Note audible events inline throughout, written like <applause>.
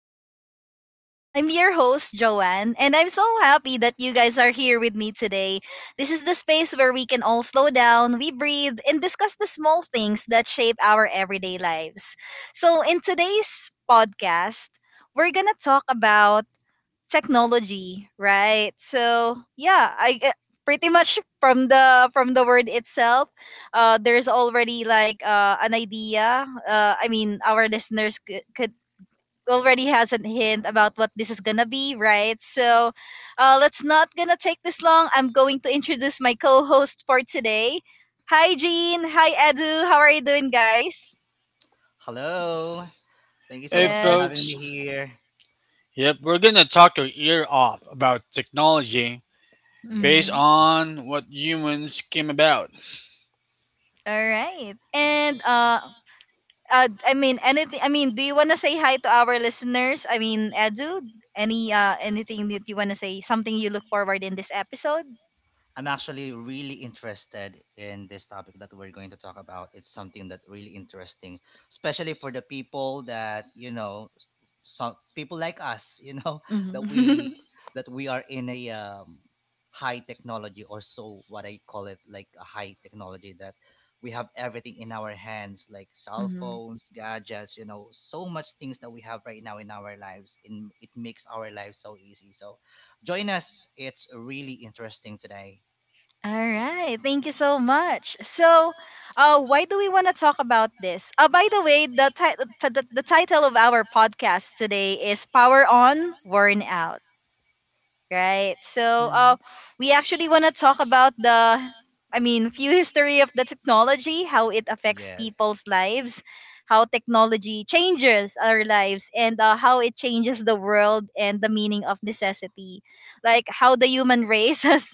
Moments with Joanne. I'm your host, Joanne, and I'm so happy that you guys are here with me today. This is the space where we can all slow down, we breathe, and discuss the small things that shape our everyday lives. So, in today's podcast, we're gonna talk about technology, right? So yeah, pretty much from the word itself, there's already like an idea. I mean, our listeners could already has a hint about what this is gonna be, right? So let's not gonna take this long. I'm going to introduce my co-host for today. Hi, Jean. Hi, Edu. How are you doing, guys? Hello. Thank you so Hey much for Yes. having me folks, here. yep, we're gonna talk your ear off about technology based Mhm. Yes, on what humans came about. All right. that's so And true. I mean anything. I mean, do you want to say hi to our listeners? I mean, Edu, any anything that you want to say? Something you look forward in this episode? I'm actually really interested in this topic that we're going to talk about. It's something that really interesting, especially for the people that you know, some people like us, you know, <laughs> that we Mm-hmm. that we are in a high technology or so what I call it like a high technology that we have everything in our hands like <laughs> cell mm-hmm. phones, gadgets, you know, so much things that we have right now in our lives and it makes our lives so easy. So join us. It's really interesting today. All right. Thank you so much. So, why do we want to talk about this? By the way, the, ti- the title of our podcast today is "Power On, Worn Out." Right. So, Mhm. we actually want to talk about I mean, few history of the technology, how it affects Yes. people's lives, how technology changes our lives, and how it changes the world and the meaning of necessity. Like how the human race <laughs> has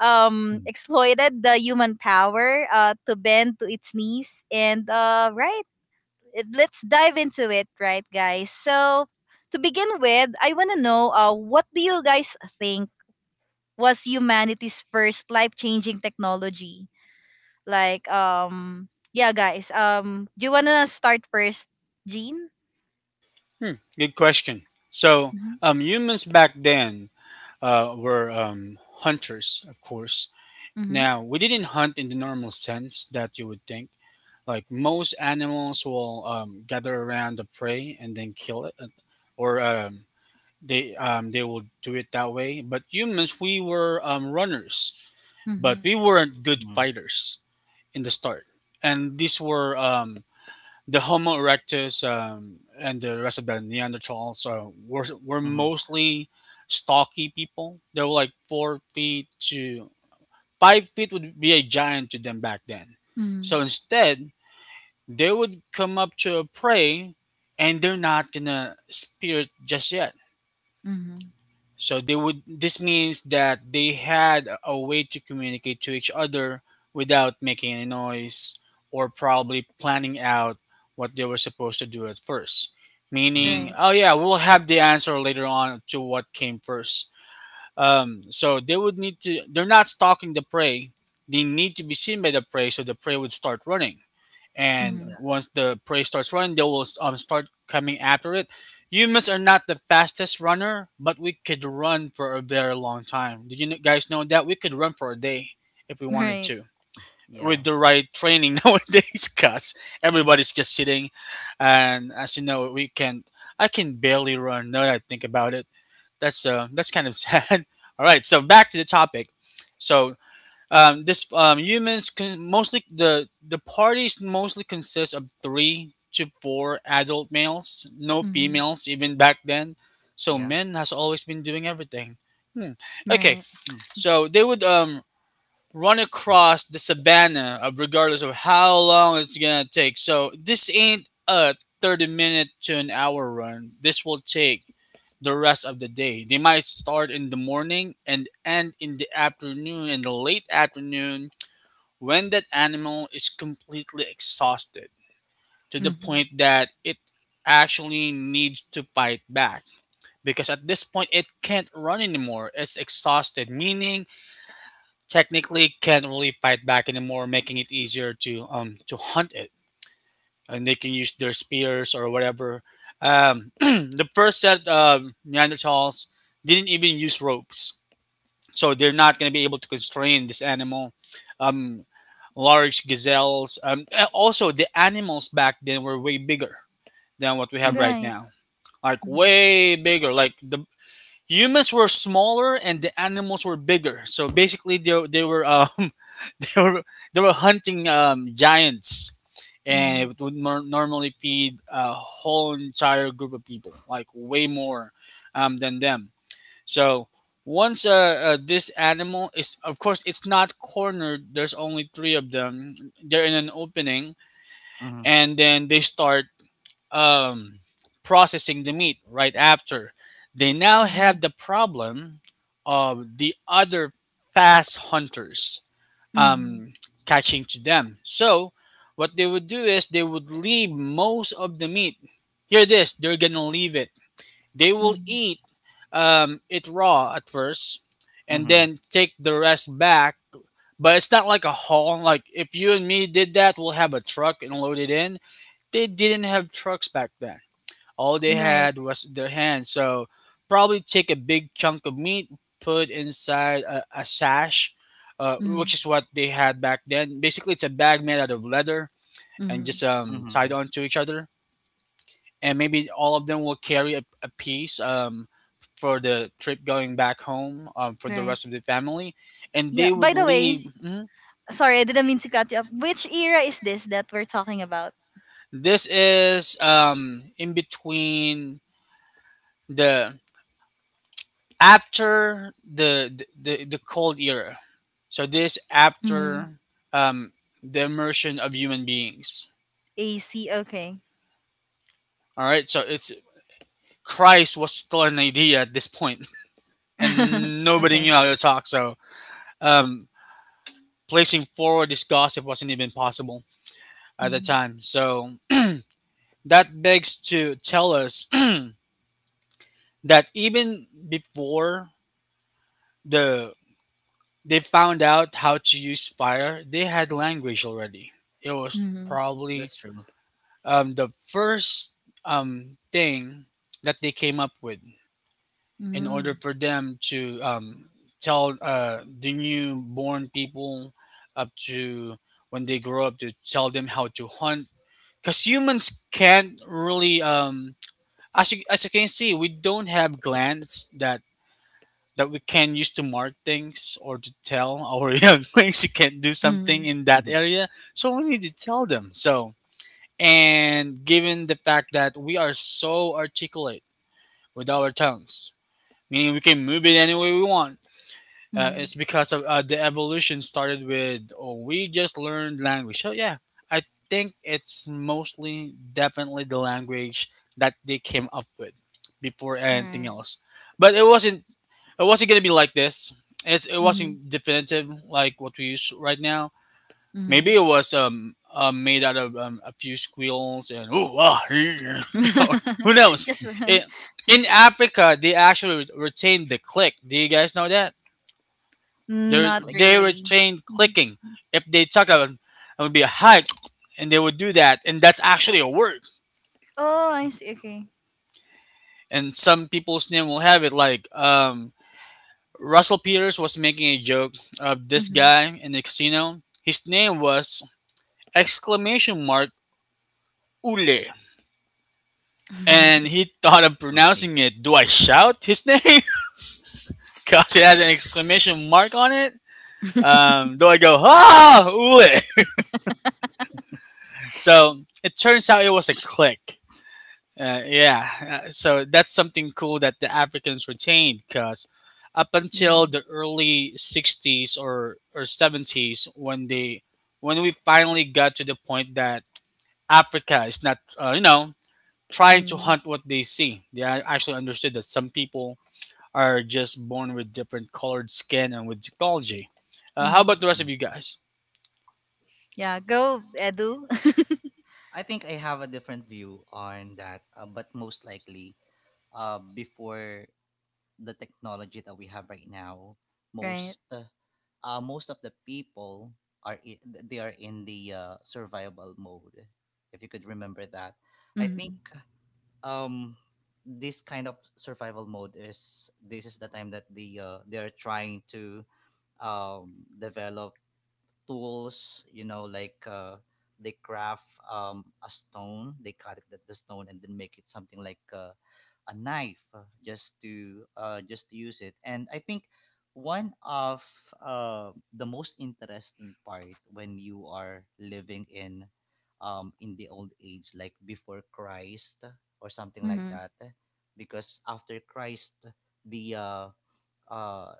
Mm. exploited the human power to bend to its knees. And, right, it, let's dive into it, right, guys? So, to begin with, I want to know what do you guys think? Was humanity's first life-changing technology. Like, yeah, guys. Do you wanna start first, Jean? Hmm, good question. So, Mm-hmm. Humans back then were hunters, of course. Mm-hmm. Now, we didn't hunt in the normal sense that you would think. Like most animals will gather around the prey and then kill it, or they will do it that way. But humans, we were runners, Mm-hmm. but we weren't good Mhm, fighters in the start. And these were the Homo erectus and the rest of the Neanderthals were mhm, mostly stocky people. They were like 4 feet to 5 feet would be a giant to them back then. So Mm-hmm. instead, they would come up to a prey and they're not gonna spear it just yet. Mm-hmm. So they would this means that they had a way to communicate to each other without making any noise, or probably planning out what they were supposed to do at first. mhm. Meaning, Right. oh yeah, we'll have the answer later on to what came first. So they would need to They're not stalking the prey. They need to be seen by the prey, so the prey would start running, and Mm-hmm. Yeah, <laughs> once the prey starts running, they will start coming after it. Humans are not the fastest runner, but we could run for a very long time. Did guys know that we could run for a day if we wanted Right. to? yeah, With the right training <laughs> nowadays, cause everybody's just sitting, and as you know, we can. I can barely run now that I think about it. That's kind of <laughs> sad. All right, so back to the topic. So mostly the parties mostly consist of three to four adult males, no Mm-hmm. females even back then. So yeah. men has always been doing everything. Hmm. Okay, Right. Mm, so they would run across the savannah, of regardless of how long it's gonna take. So this ain't a 30 minute to an hour run. This will take the rest of the day. They might start in the morning and end in the afternoon and the late afternoon when that animal is completely exhausted, to the Mm-hmm. point that it actually needs to fight back, because at this point it can't run anymore, it's exhausted, meaning technically can't really fight back anymore, making it easier to hunt it, and they can use their spears or whatever. <clears throat> The first set of Neanderthals didn't even use ropes, so they're not going to be able to constrain this animal. um Large gazelles, and also the animals back then were way bigger than what we have mhm, right Right. now, like Mm-hmm. way bigger. Like the humans were smaller and the animals were bigger, so basically they were <laughs> they were, they were hunting giants, and Mm-hmm. it would normally feed a whole entire group of people, like way more than them. So once this animal is, of course, it's not cornered. There's only three of them. They're in an opening, mhm, and then they start um, processing the meat right after. They now have Mm-hmm. the problem of the other fast hunters Mm-hmm. um, catching to them. So what they would do is they would leave most of the meat. Hear this? They is. They're gonna leave it, they will Mm-hmm. eat it raw at first and mhm, then take the rest back. But it's not like a haul. Like if you and me did that, we'll have a truck and load it in. They didn't have trucks back then. All they Right. had was their hands. So probably take a big chunk of meat, put inside a sash, which Mm-hmm. is what they had back then. Basically, it's a bag made out of leather and Mm-hmm. just mhm. tied onto each other, and maybe all of them will carry a piece for the trip going back home, for the Right. rest of the family, and Yeah. they would By the way, leave. Mhm. sorry, I didn't mean to cut you up. Which era is this that we're talking about? This is in between the, after the cold era, so this Mm-hmm. after um, the immersion of human beings. AC. Okay. All right, so it's, Christ was still an idea at this point, <laughs> <laughs> and nobody okay. knew how to talk. So um, placing forward this gossip wasn't even possible at the Mhm. time. So that begs to tell us <clears throat> that even before the they found out how to use fire, they had language already. It was Mhm. probably That's true. The first thing that they came up with in order Mhm. for them to tell the newborn people up to when they grow up, to tell them how to hunt. Because humans can't really as you can see, we don't have glands that we can use to mark things or to tell our <laughs> young things you can't do something Mhm. in that Mhm. area. So we need to tell them. So, and given the fact that we are so articulate with our tongues, meaning we can move it any way we want, Mhm. it's because of the evolution started with, oh, we just learned language. So yeah, I think it's mostly definitely the language that they came up with before anything Right. else. But it wasn't, it wasn't gonna be like this. It Mhm. wasn't definitive like what we use right now. Maybe Mhm. it was made out of a few squeals and ooh ah, <laughs> or who <laughs> knows. Just It, in Africa, they actually retained the click. Do you guys know that? They not Click they really. retain Mhm. clicking. If they talk about it, it would be a hi, and they would do that, and that's actually a word. Oh, I see. Okay. And some people's name will have it like Russell Peters was making a joke of this Mhm. guy in the casino. His name was exclamation mark Ule, and Mhm. he thought of sounds native. pronouncing it. Do I shout his name? <laughs> Cause it has an exclamation mark on it. Do I go ah Ule? <laughs> So it turns out it was a click. Yeah, so that's something cool that the Africans retained, because up until the early sixties or seventies, when they, when we finally got to the point that Africa is not, you know, trying to Mhm. hunt what they see. They actually understood that some people are just born with different colored skin and with technology. How Mhm. about the <laughs> Mm. rest of you guys? Yeah, go Edu. <laughs> I think I have a different view on that, but most likely, before the technology that we have right now, right. most uh, most of the people are they are in the survival mode. If you could remember that, I think. Mhm. um this kind of survival mode is this is the time that they are trying to um develop tools, you know, like they craft a stone, they cut it, the stone, and then make it something like a knife, just to just to use it. And I think one of the most interesting part when you are living in the old age like before Christ or something like Mhm. that, because after Christ, the uh,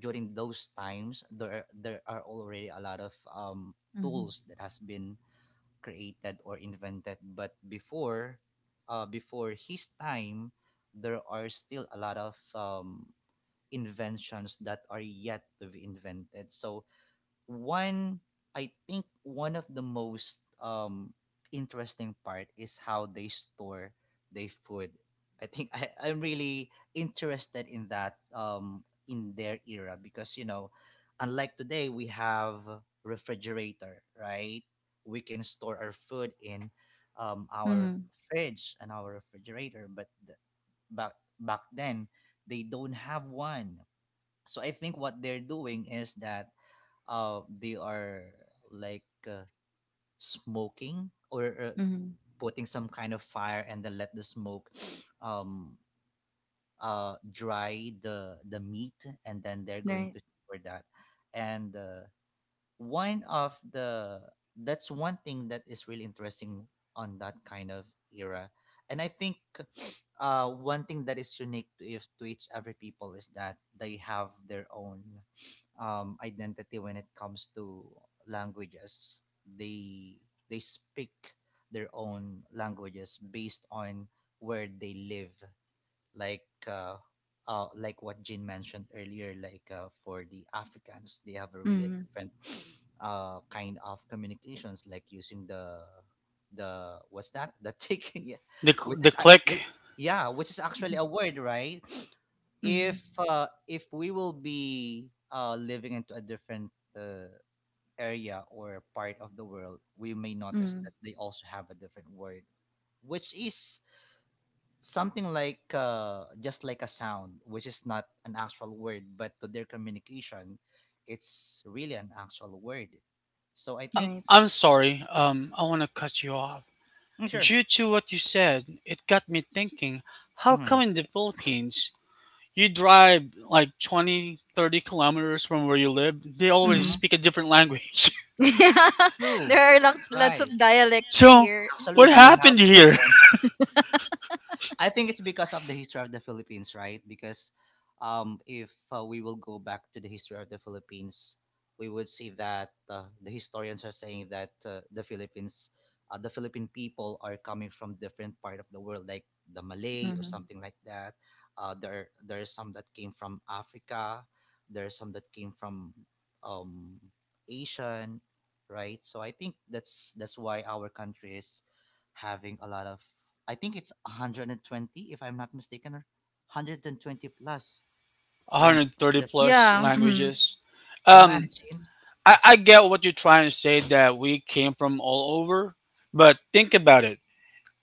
during those times, there are already a lot of Mhm. tools that has been created or invented, but before, before his time, there are still a lot of inventions that are yet to be invented. So one I think one of the most interesting part is how they store their food. I think I'm really interested in that in their era, because you know, unlike today we have refrigerator, right? We can store our food in our Mhm. fridge and our refrigerator, but back back then they don't have one. So I think what they're doing is that they are like smoking or Mhm. putting some kind of fire and then let the smoke <sniffs> um, dry the meat and then they're going Right. to store that. And one of the, that's one thing that is really interesting on that kind of era. And I think <sniffs> one thing that is unique to, if, to each every people is that they have their own identity when it comes to languages. They they speak their own languages based on where they live, like uh, like what Jean mentioned earlier, like for the Africans, they have a really Mhm. different <sniffs> kind of communications, like using the what's that, the tick, <laughs> yeah, which is The click. yeah, which is actually Mhm. a word, right? <sniffs> If Mhm. uh, if we will be living into a different area or part of the world, we may notice Mhm. that they also have a different word, which is something like just like a sound, which is not an actual word, but to their communication, it's really an actual word. So I Uh, think, Right. I'm sorry. I want to cut you off. mm, sure, Due to what you said, it got me thinking, how mm-hmm. come in the Philippines you drive like 20, 30 kilometers from where you live, they always Mhm. speak a different language? <laughs> there True, are lots of right? dialect <laughs> So, here. <laughs> what Actually, Mhm. we have happened here? one I think it's because of the history of the Philippines, right? Because if we will go back to the history of the Philippines, we would see that the historians are saying that the Philippine people are coming from different part of the world, like the Malay or Mhm. something like that. There is some that came from Africa. There are some that came from um, Asian, right? So I think that's why our country is having a lot of, I think it's 120, if I'm not mistaken, or 120 plus <laughs> along 130 the plus Philippines. Yeah. mhm. languages. Um, Imagine. I get what you're trying to say that we came from all over, but think about it.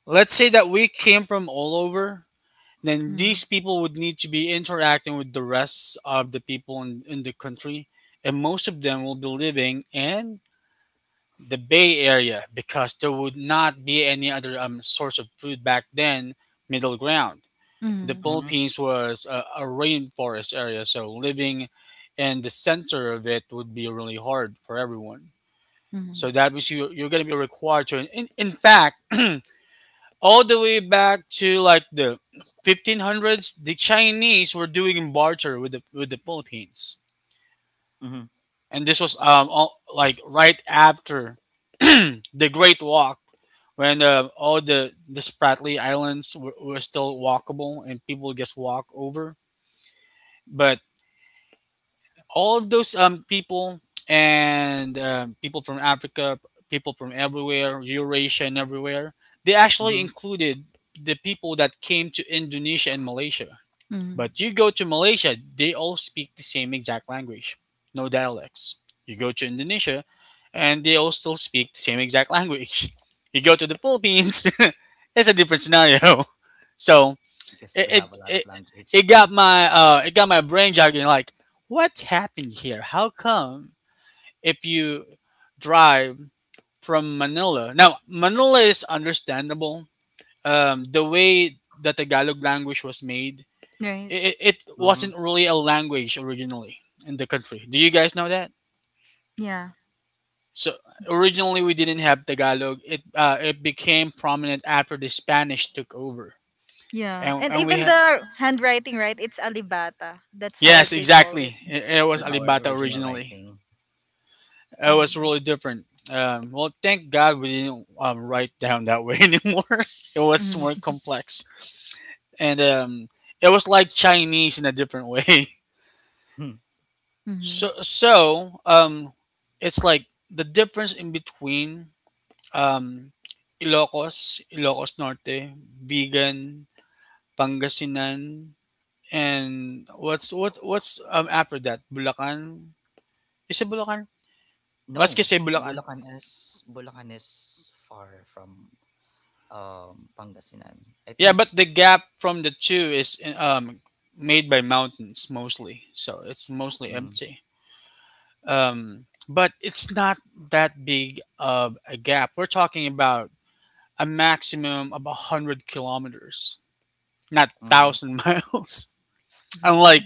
Let's say that we came from all over. Then Mhm. these people would need to be interacting with the rest of the people in the country, and most of them will be living in the bay area, because there would not be any other source of food back then, middle ground. The Mhm. Hmm, Philippines was a rainforest area, so living in the center of it would be really hard for everyone. So Mhm. that means you're going to be required to, in fact, <clears throat> all the way back to like the 1500s, the Chinese were doing barter with the, with the Philippines. hmm, And this was all, like right after <clears throat> the great walk, when all the Spratly Islands were still walkable, and people just walk over. But all of those people, and people from Africa, people from everywhere, Eurasia and everywhere, they actually hmm. included the people that came to Indonesia and Malaysia. Mhm. But you go to Malaysia, they all speak the same exact language, no dialects. You go to Indonesia, and they all still speak the same exact language. <laughs> You go to the Philippines, <laughs> it's a different scenario. <laughs> So Because it we it have a lot of it, language. it got my it got my brain jogging, like, what happened here? How come if you drive from Manila, now Manila is understandable. The way the Tagalog language was made, Right. It Hmm. wasn't really a language originally in the country. Do you guys know that? Yeah. So originally we didn't have Tagalog. It became prominent after the Spanish took over, Yeah. And and we even had, the handwriting, right? It's alibata. That's how yes, they call it. exactly. It was That's our Alibata original originally. writing. It was Mhm. really different. Well, thank God we didn't write down that way <laughs> anymore. It was Mhm. more complex, and it was like Chinese in a different way. <laughs> Hmm. So Mhm. so um it's like the difference in between um Ilocos, Ilocos Norte, Vegan, Pangasinan, and what's after that? Bulacan? Is it Bulacan? Let's No, just say Bulacan. Bulacan is far from Pangasinan. I Yeah, think. but the gap from the two is made by mountains mostly. So it's mostly Mm, empty. But it's not that big of a gap. We're talking about a maximum of 100 kilometers, not mm, 1,000 miles. <laughs> Unlike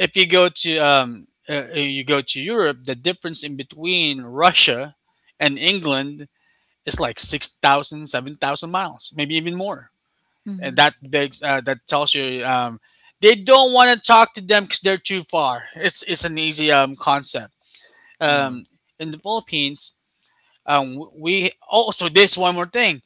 if you go to you go to Europe, the difference in between Russia and England is like 6,000, 7,000 miles, maybe even more. And Mhm. That tells you they don't want to talk to them because they're too far. It's an easy concept. mm. Um, in the Philippines, we also this one more thing,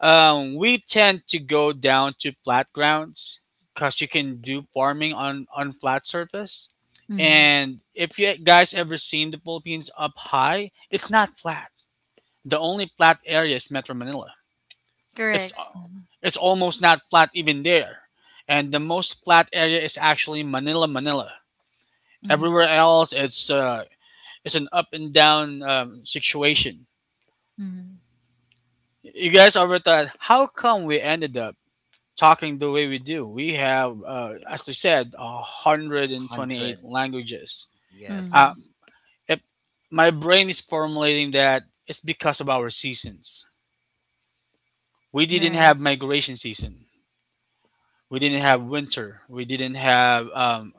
we tend to go down to flat grounds because you can do farming on flat surface. Mhm. And if you guys ever seen the Philippines up high, it's not flat. The only flat area is Metro Manila. It's Correct. Mhm. it's almost not flat even there. And the most flat area is actually Manila, Manila. Everywhere Mhm. else, it's an up and down situation. Mhm. You guys ever thought, how come we ended up talking the way we do? We have, as we said, Hundred. 128 languages. Mhm. Yes. Um, if my brain is formulating, that it's because of our seasons. We didn't Right. have migration season. We didn't have winter. We didn't have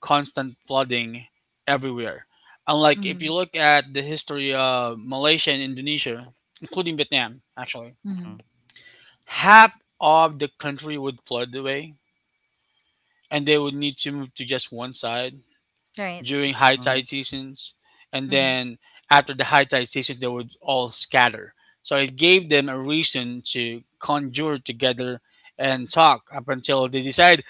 constant flooding everywhere. Unlike if you Mhm. look at the history of Malaysia and Indonesia, including Vietnam, actually, Mm, Mhm. half of the country would flood away and they would need to move to just one side Right. during high mm, tide seasons. And Mhm. then after the high tide season, they would all scatter. So it gave them a reason to conjure together and talk up until they decide,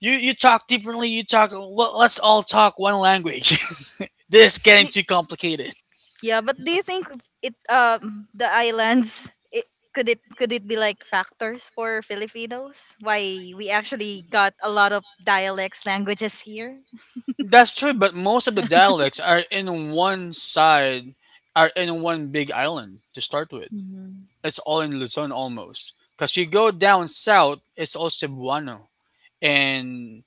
you talk differently, you talk, well, let's all talk one language. <laughs> This is getting Y- too complicated. Yeah, but do you think it the islands it could it be like factors for Filipinos why we actually got a lot of dialects languages here? That's true, but most of the dialects are in one side, are in one big island to start with. Mhm. It's all in Luzon almost, because you go down south, it's all Cebuano. And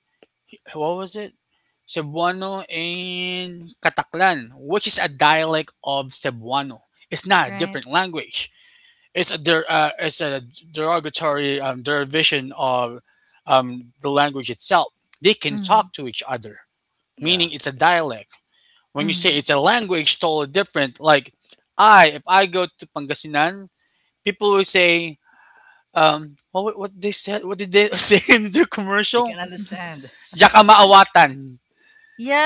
what was it? Cebuano and Kataklan, which is a dialect of Cebuano. It's not a Right. different language. It's a derogatory derivation of the language itself. They can Mhm. talk to each other, yeah, meaning it's a dialect. When you say Mhm. it's a language, totally different. Like I, if I go to Pangasinan, people will say, what they said? What did they <laughs> say in the they can commercial? <laughs> understand. Yakamaawatan,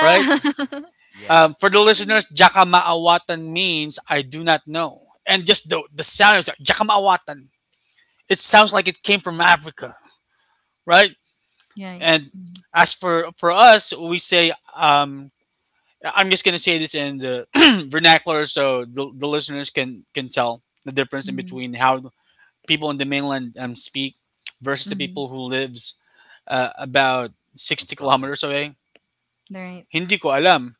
right? <laughs> Yes, For the Mhm. listeners, Jakamaawatan means I do not know. And just the sound is Jakamaawatan. It sounds like it came from Africa, right? yeah. yeah. And Mhm. as for us, we say, I'm just gonna say this in the <clears throat> vernacular, so the listeners can tell the difference in Mhm. between how people in the mainland speak versus the Mhm. people who lives about in 60 the kilometers province. away. Right. Hindi ko alam,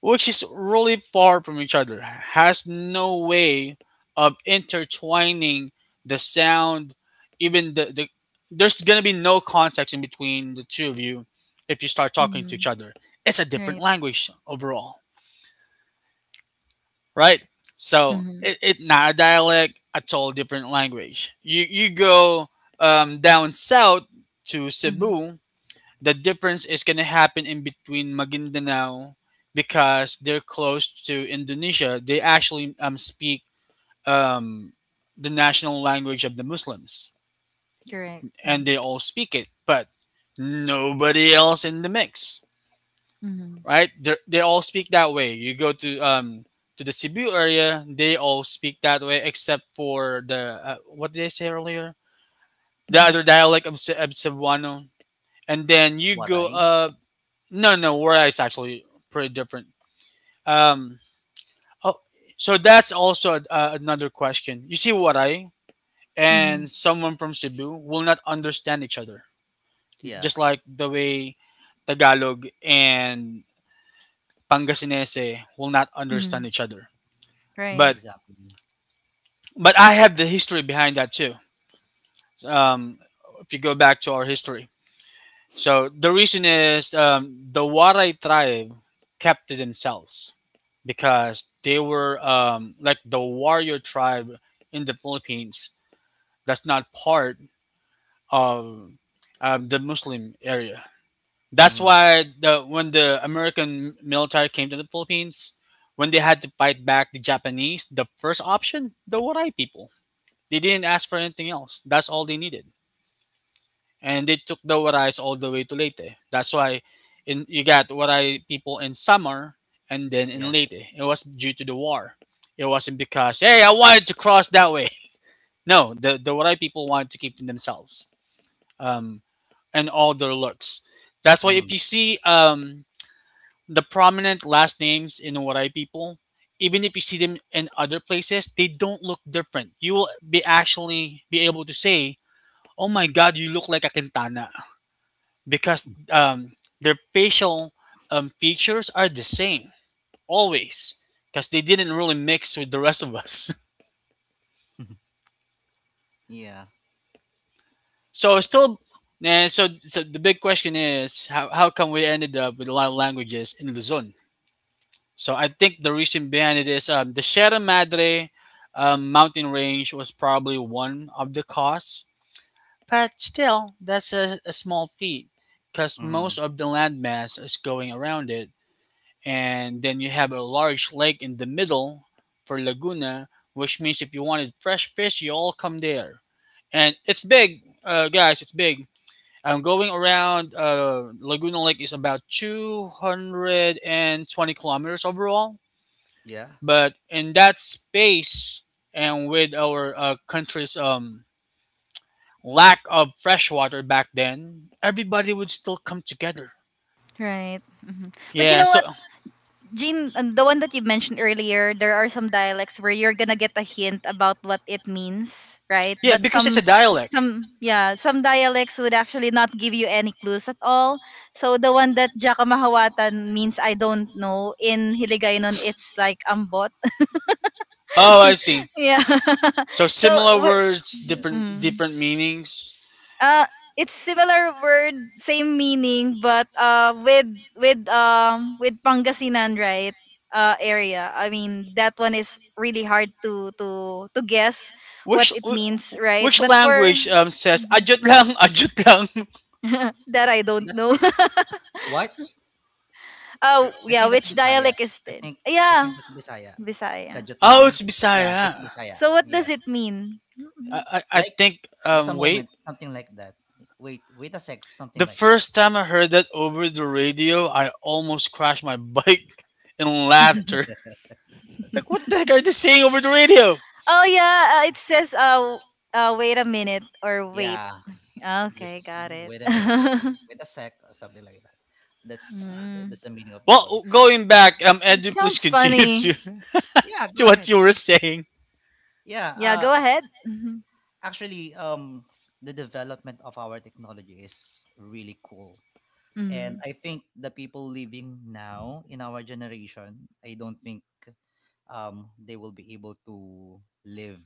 which is really far from each other, has no way of intertwining the sound, even the there's gonna be no context in between the two of you if you start talking to each Mhm. other. It's a different Right. language overall, right? So Mhm. it not a dialect, a total different language. You go down south to Mhm. Cebu, the difference is going to happen in between Maguindanao because they're close to Indonesia. They actually speak um, the national language of the Muslims, Correct. Mhm. and they all speak it, but nobody else in the mix, Mhm. right? They're, they all speak that way. You go to the Cebu area, they all speak that way except for the what did I say earlier? The Mhm. other dialect of, Ce- of Cebuano. And then you go Waray. up. No, no, War Eye's actually pretty different. Um, oh, so that's also a, another question. You see, Waray Mhm. and someone from Cebu will not understand each other, just like Yes, the way Tagalog and Pangasinense will not Mhm. understand each other. Right. But exactly. I have the history behind that too. Um, if you go back to our history, so the reason is the Waray tribe kept to themselves because they were like the warrior tribe in the Philippines that's not part of the Muslim area. That's Mm-hmm. why the, when the American military came to the Philippines, when they had to fight back the Japanese, the first option, the Waray people. They didn't ask for anything else. That's all they needed, and they took the Warais all the way to Leyte. That's why in, you got Waray people in Samar and then in Yeah. Leyte. It was due to the war. It wasn't because, hey, I wanted to cross that way. <laughs> No, the Waray people wanted to keep to themselves, um, and all their looks. That's why if Mm-hmm. you see the prominent last names in Waray people, even if you see them in other places, they don't look different. You will be actually be able to say, "Oh my God, you look like a Quintana." Because their facial features are the same always, because they didn't really mix with the rest of us. <laughs> <laughs> Yeah. So still, and so the big question is, how come we ended up with a lot of languages in Luzon? So I think the reason behind it is the Sierra Madre mountain range was probably one of the cause, but still that's a small feat, because Mm-hmm. most of the landmass is going around it, and then you have a large lake in the middle, for Laguna, which means if you wanted fresh fish, you all come there. And it's big, guys. It's big. I'm going around. Laguna Lake is about 220 kilometers overall, Yeah. but in that space, and with our country's lack of fresh water back then, everybody would still come together. Right. Mhm. But you Yeah. know So, what? Jean, and the one that you mentioned earlier, there are some dialects where you're gonna get a hint about what it means, right? yeah, because it's a dialect. Some, yeah, some dialects would actually not give you any clues at all. So the one that Jaka Mahawatan means I don't know in Hiligaynon, it's like ambot. Oh, I see. <laughs> Yeah. <laughs> So so, similar words, different Yes. w- different meanings. Uh it's similar word, same meaning, but with Pangasinan, right? Area. I mean, that one is really hard to guess what Which it means, right? which But for language says ajut lang, <laughs> ajut lang? <laughs> that I don't know. That's what? <laughs> oh, I yeah, think that's which Bisaya. dialect is I then? think I Yeah, think that's Bisaya. Bisaya. Kajut lang. Oh, it's Yeah, it's Bisaya. Bisaya. So what does Yes. it mean? I Like think just a wait. moment, something like that. Wait, wait a sec, something The like that. first time I heard that over the radio, I almost crashed my <laughs> bike in <laughs> laughter. <laughs> Like, what the heck are they saying over the radio? oh yeah, it says wait a minute or wait. Yeah. Okay, Just got it. wait a minute or <laughs> wait a sec or something like that. That's Mm, that's the meaning of the word. Well, going back, it Edu, please sounds continue <laughs> to funny. Yeah, go what ahead. you were saying. Yeah, Yeah, go ahead. Mhm. actually, the development of our technology is really cool. And Mhm. I think the people living now in our generation, I don't think they will be able to live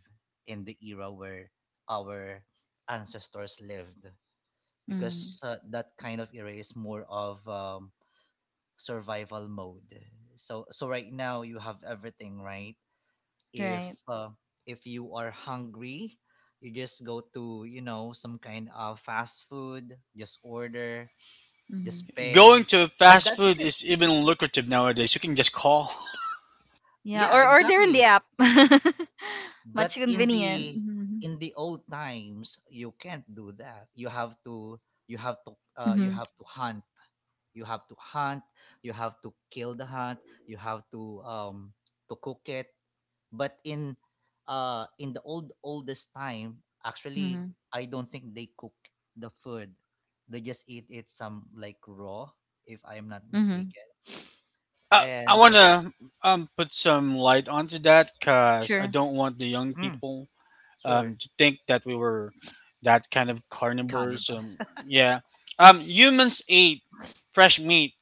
in the era where our ancestors lived, Mhm. because that kind of era is more of survival mode. So, right now you have everything, right? if Right. uh, if you are hungry, you just go to some kind of fast food, just order, Mhm. just pay, Going to and fast that's food it. is even lucrative nowadays. You can just call. <laughs> Yeah, Yeah, or order in the exactly. app. <laughs> Much But in convenient. Mhm. The old times you can't do that. You have to, you Mhm. have to hunt, you have to hunt you have to kill the hunt, you have to cook it. But in the oldest time, actually, Mhm. I don't think they cook the food. They just eat it some like raw, if I'm not Mhm. mistaken. I And want to put some light onto that because I Sure. don't want the young mm, people sure. To think that we were that kind of carnivores. Cannibal. Yeah. Humans ate fresh meat,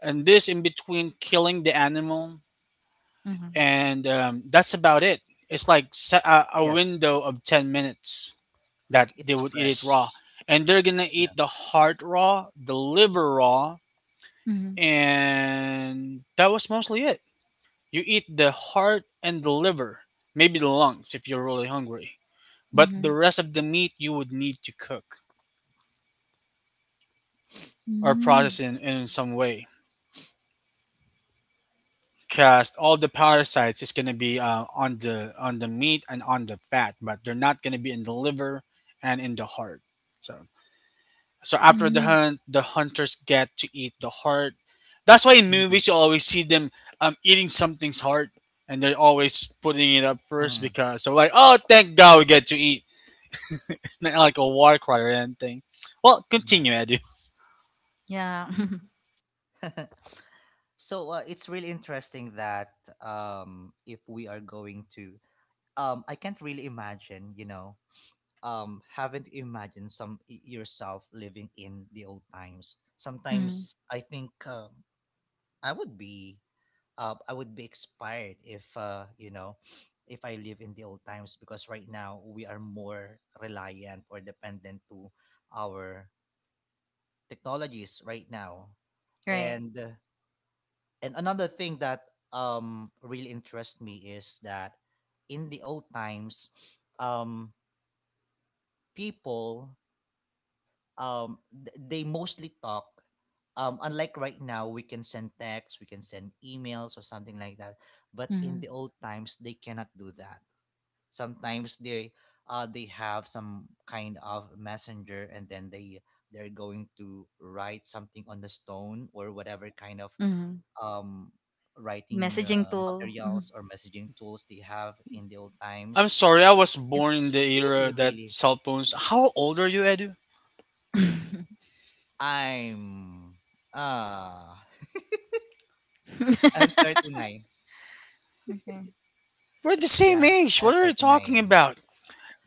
and this in between killing the animal, Mhm. and that's about it. It's like a Yes, window of 10 minutes like that they it's would eat it fresh, raw. And they're going to yeah. eat the heart raw, the liver raw, Mhm. and that was mostly it. You eat the heart and the liver, maybe the lungs if you're really hungry. But the Mhm. rest of the meat you would need to cook or process Mhm. In some way. Cause all the parasites is gonna be on the meat and on the fat, but they're not gonna be in the liver and in the heart. So so after the Mhm. hunt, the hunters get to eat the heart. That's why in Mm, movies you always see them eating something's heart, and they're always putting it up first mm, because they're like, "Oh, thank God we get to eat." Not like a war cry or anything. Well, yeah. continue, Edu. Yeah. <laughs> <laughs> So it's really interesting that if we are going to, I can't really imagine, you know, haven't imagined yourself living in the old times. Mhm. Sometimes I think I would be I would be expired if you know if I live in the old times, because right now we are more reliant or dependent to our technologies right now. Right. And uh, and another thing that really interests me is that in the old times, um, people, they mostly talk. Unlike right now, we can send texts, we can send emails or something like that, but in Mhm. the old times they cannot do that. Sometimes they, they have some kind of messenger, and then they're going to write something on the stone or whatever kind of Mhm. um writing Messaging tool. Mhm. materials or messaging tools they have in the old times. I'm sorry, I was born in It's the era really that really cell phones. How old are you, Edu? i'm uh I'm <laughs> <laughs> 39. Okay. We're the same Yeah, age. I'm What are you talking 39. about?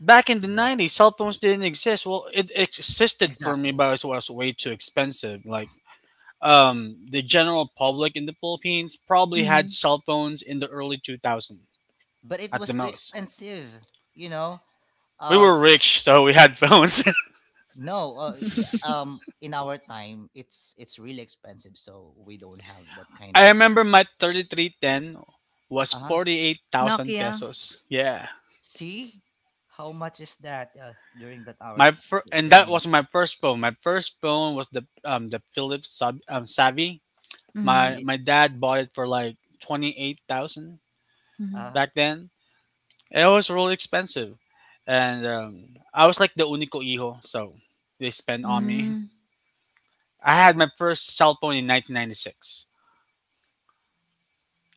Back in the Yeah, 90s, cell phones didn't exist. Well, it existed for me, exactly. but it was way too expensive. Like, the general public in the Philippines probably had Mhm. cell phones in the early 2000s But it at the was too most. expensive, you know. We Uh, were rich, so we had phones. no, uh, yeah, <laughs> um, in our time, it's really expensive, so we don't have that <laughs> kind I of. remember my 3310 was Uh huh. 48,000 Nokia. pesos. Yeah. See, how much is that, during that hour And during that was my 90s? first phone. My first phone was the Philips sub Savvy. Mhm. Feel My it? my dad bought it for like 28,000 Mhm. Uh, back then. And it was really expensive, and I was like the unico hijo, so they spent on me. Mm. <laughs> I had my first cell phone in 1996.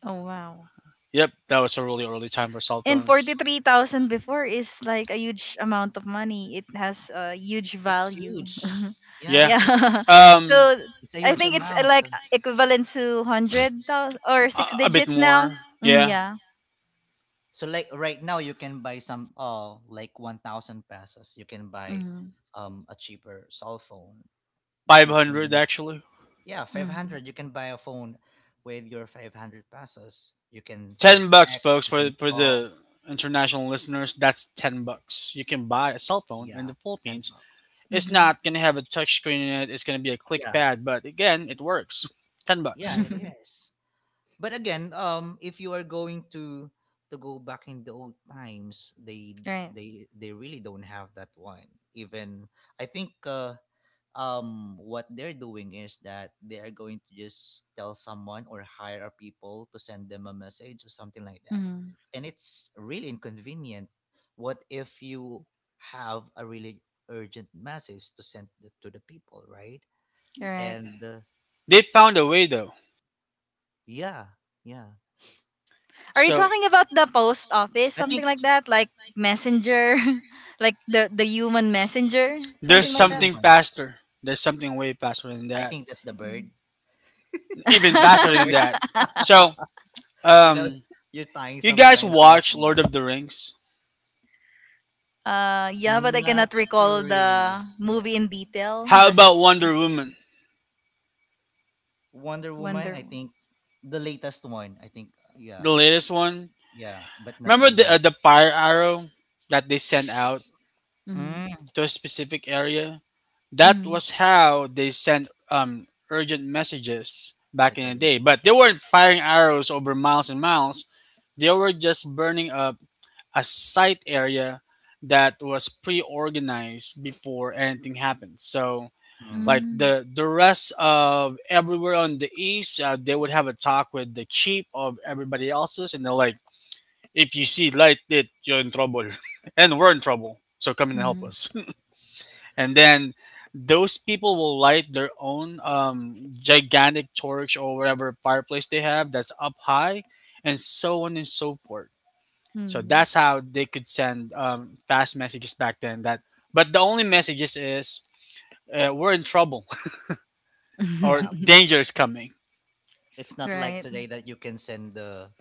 Oh wow. Yep, that was a really early time for cell And phones. 43,000 before is like a huge amount of money. It has a huge it's value. huge. <laughs> Yeah, Yeah, yeah. <laughs> um, So it's a I huge think it's amount. like equivalent to 100,000 or six a bit digits now. more. Mm, Yeah, yeah. So like right now you can buy some like 1000 pesos, you can buy Mm-hmm. A cheaper cell phone that five you hundred can actually. yeah, Mm-hmm. 500, you can buy a phone with your 500 pesos, you can send $10, text, folks, you for can call, the international listeners. That's $10. You can buy a cell phone in the yeah, 10 Philippines. bucks It's Mm-hmm. not gonna have a touch screen in it. It's gonna be a click yeah, pad, but again, it works. Ten yeah, bucks. it <laughs> is. But again, if you are going to go back in the old times, they right. they really don't have that one. Even I think what they're doing is that they are going to just tell someone or hire a people to send them a message or something like that. Mm-hmm. And it's really inconvenient. What if you have a really urgent message to send to the people, right? Correct. And They found a way though. yeah, yeah. Are you So talking about the post office, I something think like that? Like messenger? <laughs> like the human messenger? there's Something it's a like that? something human. faster. There's something way faster than I that. think just the Mm. bird. Even Is that the faster than that. bird? <laughs> <laughs> So, You um, you're tying you some guys kind of knots watch in the Lord bird. of the Rings? Yeah, but I Not cannot recall really. the Yeah. movie in detail. How about Wonder Woman, Wonder Woman, I Wonder. Woman. think the latest one, I think yeah. the latest one? Yeah, but not the Remember the 90. fire arrow that they sent out Mm-hmm. Mm. to a specific area. That Mm-hmm. was how they sent urgent messages back Like in a the day, but they weren't firing arrows over miles and miles. They were just burning up a site area that was pre-organized before anything happened. So, mm. like the rest of everywhere on the east, they would have a talk with the chief of everybody else's, and they're like, "If you see light lit, you're in trouble, <laughs> and we're in trouble. So come and help Mm-hmm. us." And then those people will light their own gigantic torch or whatever fireplace they have that's up high, and so on and so forth. So Mm-hmm. that's how they could send fast messages back then. That but the only messages is we're in trouble <laughs> or Yeah. danger is coming. It's <laughs> not like right. today that you can send the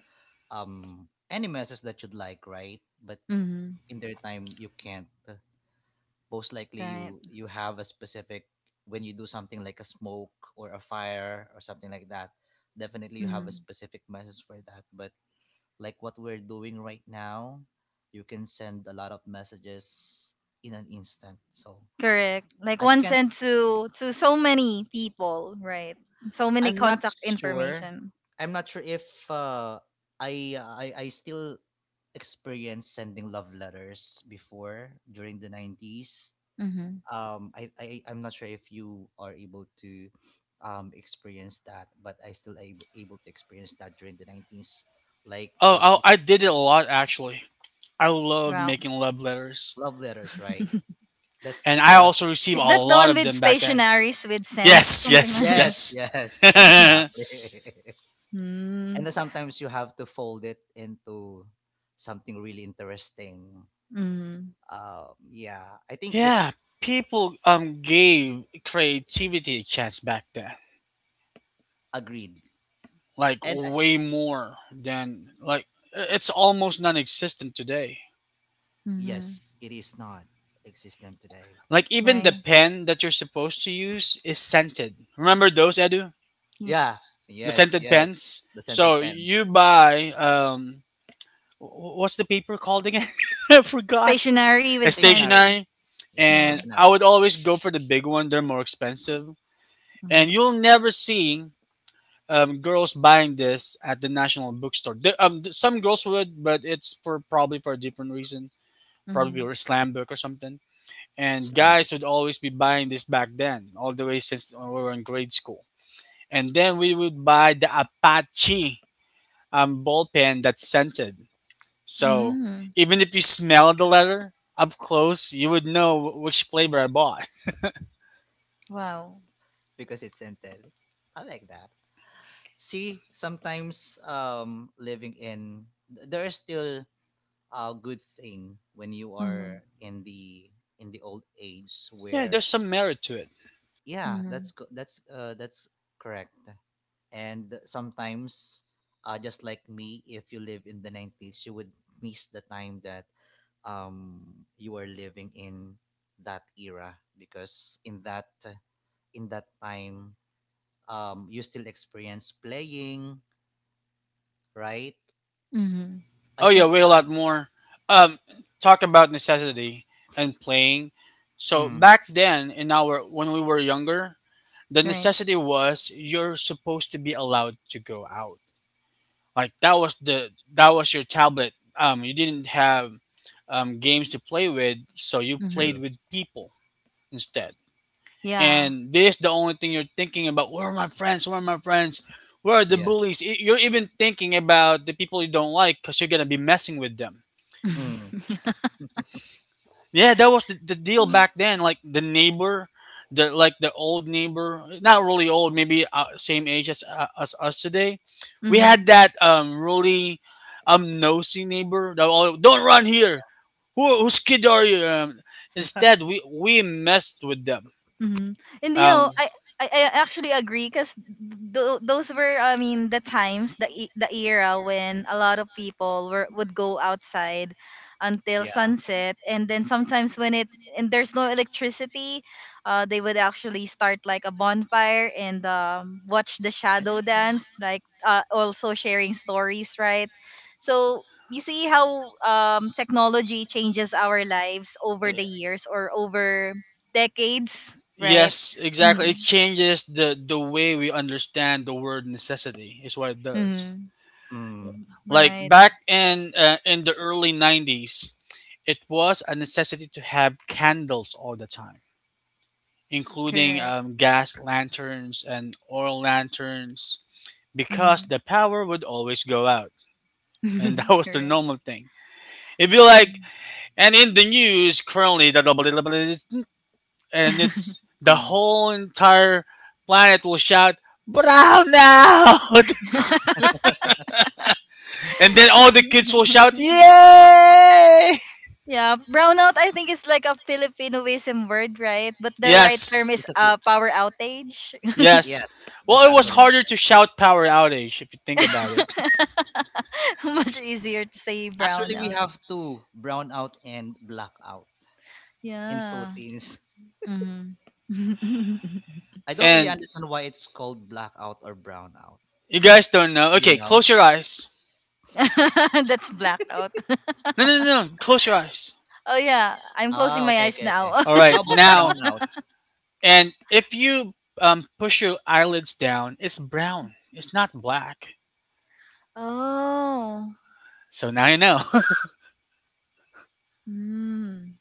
any message that you'd like, right? But Mm-hmm. in their time you can't. Most likely Right. you have a specific, when you do something like a smoke or a fire or something like that, definitely you have a Mm-hmm. specific message for that. But like what we're doing right now, you can send a lot of messages in an instant. So Correct. Like i one can't sent to so many people. Right. So many i'm not contact sure information. I'm not sure if, uh, I still experienced sending love letters before during the 90s. Mm-hmm. I'm not sure if you are able to experience that, but I still able to experience that during the 90s, like Oh, I did it a lot, actually. I love Wow. making love letters, love letters, right? and That's I also received a Is that the lot one of with them back then. stationaries with scent Yes, something yes, like? <laughs> yes, yes. yes. <laughs> <laughs> Exactly. <laughs> mm And then sometimes you have to fold it into something really interesting. mm Yeah, I think Yeah, that's people gave creativity a chance back then, agreed. like And way more than it's almost non-existent today. mm <laughs> yes, it is not existent today. Like even the Right. pen that you're supposed to use is scented. Remember those, Edu? Ye- Yeah, The yes, scented yes. pens. The scented So pens. you buy what's the paper called again? <laughs> I forgot. Stationary A with scent. Stationary. stationery, Yeah, Yeah. and I stationary. would always go for the big one. They're more expensive, and mm-hmm. you'll never see girls buying this at the national bookstore. Some girls would, but it's for probably for a different reason, probably Mhm. a slam book or something. And Slam book. guys would always be buying this back then, all the way since we were in grade school. And then we would buy the Apache ball pen that's scented. So Mm. even if you smell the letter up close, you would know which flavor I bought. <laughs> Wow. Because it's scented. I like that. See, sometimes there is still a good thing when you Mhm. are in the old age Yeah, where there's some merit to it. yeah, Mhm. that's co- that's correct. And sometimes just like me, if you live in the 90s you would miss the time that um you are living in that era, because in that time you still experience playing, right? Mhm. I Oh yeah, think way a lot more. Um, talk about necessity and playing. uh, So mm, back then, in our when we were younger, the Right. necessity was you're supposed to be allowed to go out. Like that was your tablet. You didn't have games to play with, so you Mhm. played true. with people instead. Yeah. And this the only thing you're thinking about. Where are my friends? Where are my friends? Where are the Yeah. bullies? You're even thinking about the people you don't like because you're gonna be messing with them. Mm, <laughs> Yeah, that was the deal back then. Like the neighbor, the like the old neighbor, not really old, maybe same age as us today. We had mhm. that really nosy neighbor. That all, don't run here. Whose kid are you? Instead, we messed with them. hmm And you Um, know, I actually agree because those were I mean the times the era when a lot of people were would go outside until yeah. sunset and then sometimes when it and there's no electricity they would actually start like a bonfire and watch the I shadow like that. dance like also sharing stories right so you see how technology changes our lives over the years or over decades Right? yes, exactly. It Mhm. changes the way we understand the word necessity. Is what it does. Mhm. Mm, Like Right. back in the early 90s, it was a necessity to have candles all the time, including Correct. Gas lanterns and oil lanterns, because Mhm. the power would always go out, and <laughs> <laughs> that was the Correct. normal thing. If you like, Mhm. and in the news currently, the double and it's the mm. whole entire planet will shout brown out, <laughs> and then all the kids will shout <laughs> yay. Yeah, brownout I think is like a Filipinoism word, right? But the right Yes. term It's is a power outage. <laughs> Yes, Yes. that's Well, it was actually the Mm. harder to term. shout power outage if you think about it. <laughs> <laughs> Much easier to say Actually, we brownout. have two, brown out and blackout, in Yeah. Philippines. <laughs> hmm <laughs> I don't really And understand why it's called blackout or brown out. you guys don't know. Do you Okay, know? close your eyes. That's blackout. <laughs> No, no, no, no. Close your eyes. Oh yeah, I'm closing Ah, my okay, eyes okay, okay. now. All <laughs> right, How about the now. brown out? And if you push your eyelids down, it's brown. It's not black. oh. So now you know, Mm.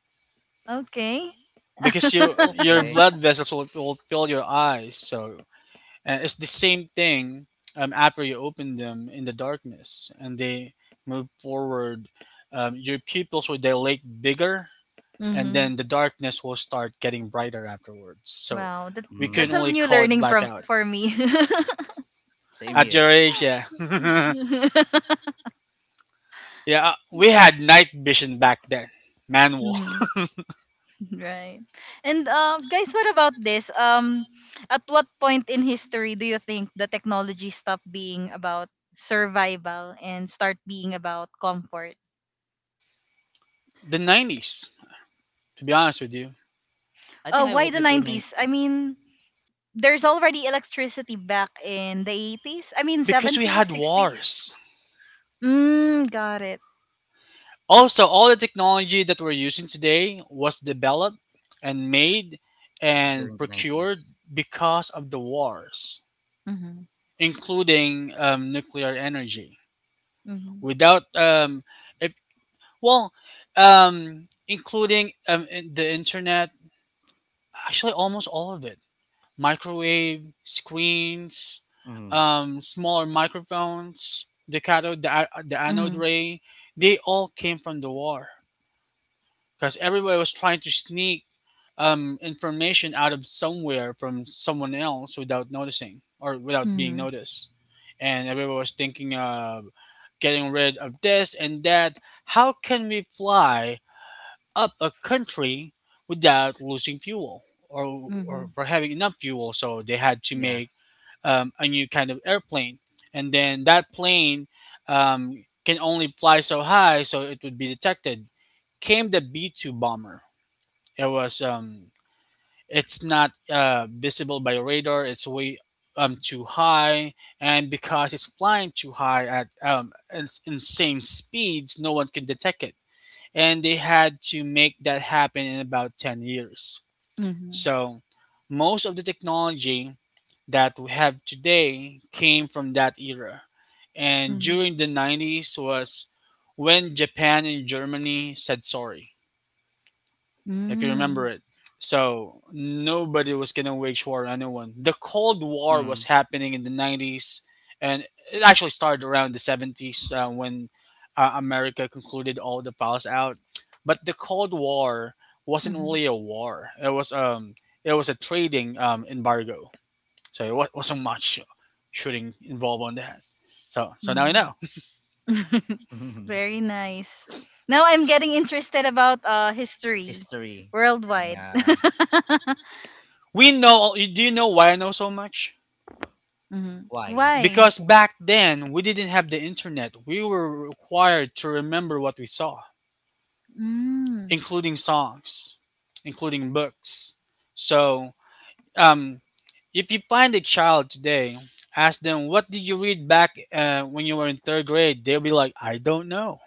Okay. <laughs> because you <laughs> your Okay. blood vessels will fill your eyes. So and it's the same thing after you open them in the darkness and they move forward. Your pupils will dilate bigger and mhm. then the darkness will start getting brighter afterwards. So Wow, we couldn't that's Mm, a only new call it learning from blackout. for me. same At your here. age, yeah. <laughs> <laughs> Yeah, we had night vision back then, manual. Mhm. Right. And guys, what about this? At what point in history do you think the technology stopped being about survival and start being about comfort? <laughs> The 90s, to be honest with you, I Oh, think I why the would agree, 90s? I 90s, mean, there's already electricity back in the 80s. I mean, because we 70s, had 60s. wars. Mm, got it. Also, all the technology that we're using today was developed and made and during the procured 90s. because of the wars, Mhm. including nuclear energy. Mhm. Without if Well, including in- the internet, actually almost all of it. Microwave, screens, Mm, smaller microphones, the cathode, the anode Mhm. ray, they all came from the war because everybody was trying to sneak information out of somewhere from someone else without noticing or without being Mhm. noticed. And everybody was thinking of getting rid of this and that. How can we fly up a country without losing fuel, or Mhm. for having enough fuel. So they had to yeah. make a new kind of airplane. And then that plane can only fly so high so it would be detected. Came the B 2 bomber. It was, um, it's not visible by radar, it's way too high. And because it's flying too high at insane speeds, no one can detect it, and they had to make that happen in about 10 years. Mhm, So, most of the technology that we have today came from that era. And mhm. during the 90s was when Japan and Germany said sorry, if you remember Mm, it. So nobody was gonna wage war on anyone. The Cold War was happening in the '90s, and it actually started around the '70s when America concluded all the files out. But the Cold War wasn't mhm, really a war. It was a trading embargo. So it wasn't much shooting involved on that. So so now you mhm. know. <laughs> <laughs> <laughs> Very nice. Now I'm getting interested about history History. worldwide. Yeah. <laughs> We know. Do you know why I know so much? Mhm. Why? Why? Because back then, we didn't have the internet. We were required to remember what we saw, Mm, including songs, including books. So, um, if you find a child today, ask them, what did you read back when you were in third grade? They'll be like, I don't know.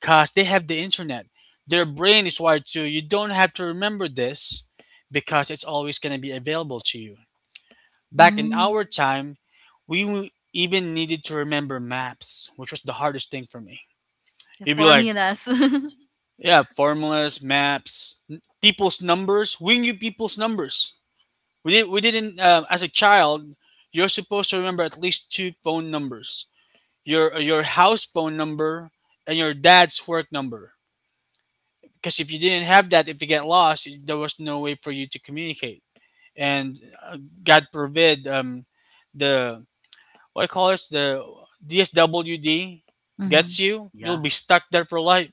Because they have the internet. Their brain is wired to, you don't have to remember this because it's always going to be available to you. Back in mm. our time, we even needed to remember maps, which was the hardest thing for me. The You'd be like, formulas. <laughs> yeah, formulas, maps, people's numbers. We knew people's numbers. We didn't. We didn't. As a child, you're supposed to remember at least two phone numbers: your house phone number and your dad's work number. Because if you didn't have that, if you get lost, there was no way for you to communicate. And God forbid, the what I call this the DSWD gets Mhm, you, Yeah. you'll be stuck there for life.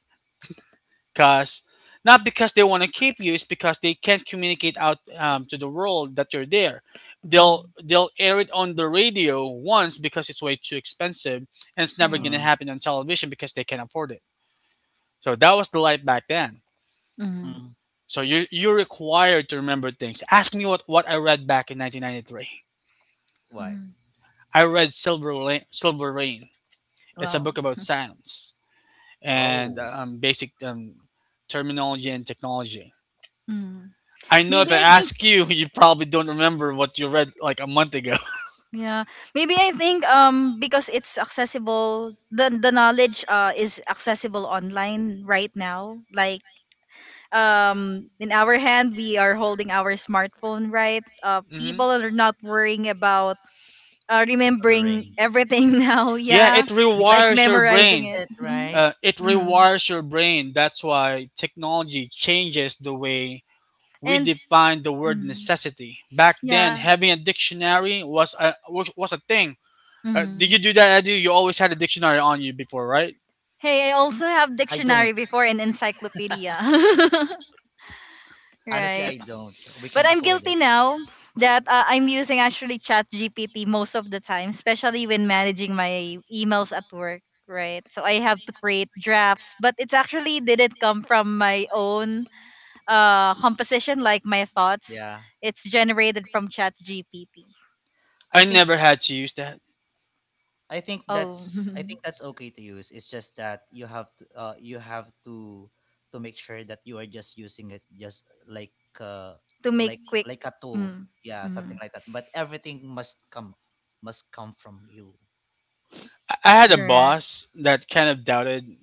Cause not because they want to keep you, it's because they can't communicate out to the world that you're there. They'll mhm. they'll air it on the radio once because it's way too expensive, and it's never Right. gonna Mm, happen on television because they can't afford it. So that was the life back then. Mhm, mm. So you you're required to remember things. Ask me what I read back in 1993. What? mhm. I read Silver Rain, Silver Rain. It's a Wow. book about silence and Oh, basic terminology and technology. Mm. I know that's if Maybe I I think ask you, <laughs> you probably don't remember what you read like a month ago. yeah. Maybe I think because it's accessible the knowledge is accessible online right now like in our hand we are holding our smartphone right <laughs> Hmm. people are not worrying about remembering remembering. everything <laughs> now Yeah, yeah it Because like rewires you can your search memorizing brain. it, it Mhm. right? It Mhm. rewires your brain. That's why technology changes the way we and define the word mhm. necessity. Back then, yeah having a dictionary was a was was a thing. Did you Mhm. do that? I do. You always had a dictionary on you before, right? hey I also have I don't. dictionary before and encyclopedia <laughs> Honestly, I right don't. We can't But I'm afford it. guilty now that I'm using actually Chat GPT most of the time, especially when managing my emails at work, right? So I have to create drafts, but it's actually didn't come from my own composition like my thoughts. Yeah. It's generated from Chat GPT. I I think never had to use that. Oh, I <laughs> think that's okay to use. It's just that you have to make sure that you are just using it just uh to make quick. like a tool. Mm, Yeah, something mm, like that. But everything must come from you. I I had a think correct. that's boss that kind of doubted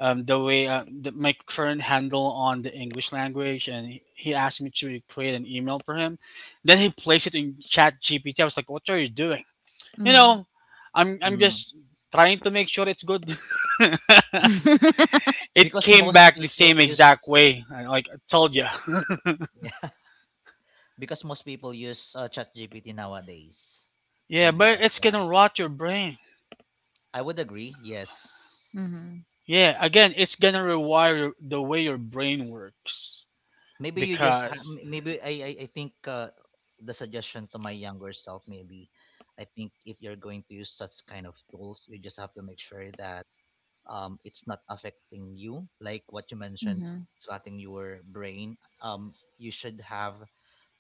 my current handle on the English language, and he asked me to create an email for him. Then he placed it in Chat GPT. I was like, "What are you doing? You Mm. know, I'm mm, just trying to make sure it's good." <laughs> <laughs> It because came most back the people same use exact way. I, like I told you. <laughs> yeah, because most people use ChatGPT nowadays. <laughs> Yeah, Maybe but that's it's why. gonna rot your brain. I would agree. Yes. Mhm, Yeah, again, it's gonna rewire the way your brain works Maybe you just ha- because m- maybe I think the suggestion to my younger self. Maybe I think if you're going to use such kind of tools, you just have to make sure that it's not affecting you. Like what you mentioned, mhm, swatting your brain. Um, you should have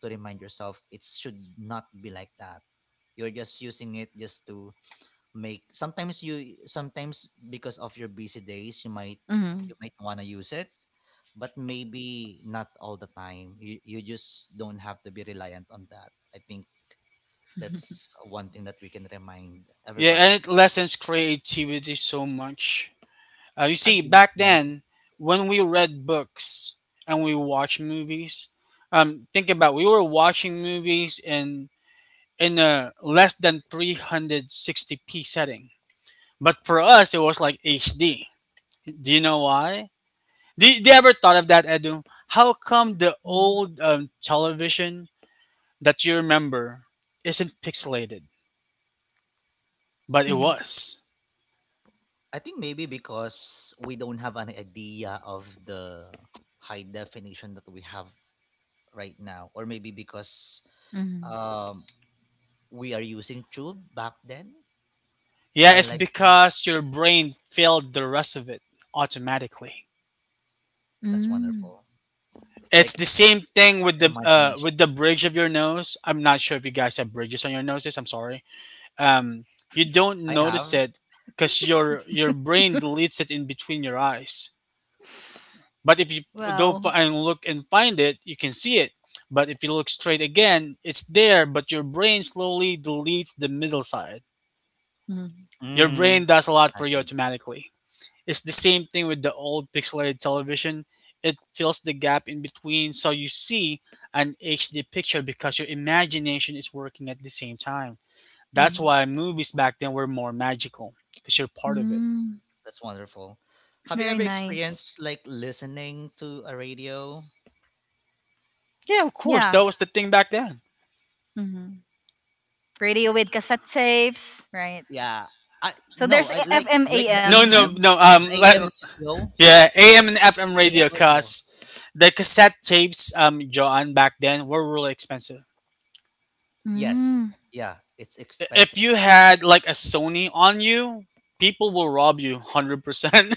to remind yourself it should not be like that. You're just using it just to make sometimes, because of your busy days, mhm, you might want to use it, but maybe not all the time. You just don't have to be reliant on that. I think <laughs> that's one thing that we can remind Yeah, and everybody. it lessens creativity so much. You see, Agree, back yeah. then, when we read books and we watch movies, think about we were watching movies in a less than 360p setting. But for us, it was like HD. Do you know why? Do do you ever mhm, thought of that, Edu? How come the old television that you remember isn't pixelated, mhm, mhm, but it was? I think maybe because we don't have an idea of the high definition that we have right now, or maybe because mhm. um we are using tube back then. Yeah, it's Unlike because your brain filled the rest of it automatically. <laughs> that's Mm. wonderful. It's Like the same thing with the imagination. bridge of your nose. I'm not sure if you guys have bridges on your noses. I'm sorry. Um, you don't I notice have it because your brain deletes it in between your eyes. But if you go Wow. And look and find it, you can see it. But if you look straight again, it's there. But your brain slowly deletes the middle side. Your brain mm. does a lot for you Agreed. automatically. It's the same thing with the old pixelated television. It fills the gap in between so you see an HD picture because your imagination is working at the same time. That's Mhm. why movies back then were more magical because you're part of it. Mm, That's wonderful. Have you very ever nice. experienced like listening to a radio? Yeah, of course, Yeah. that was the thing back then. Mhm. Radio with cassette tapes, right? Yeah. I So no, I FM, like the No, AM. no, AM, no. the AM radio, Yeah, AM and FM AM radio radio. cuz the cassette tapes, Joanne back then were really expensive. Yes. Mm-hmm. Yeah, it's expensive. If you had like a Sony on you, people will rob you hundred <laughs> percent.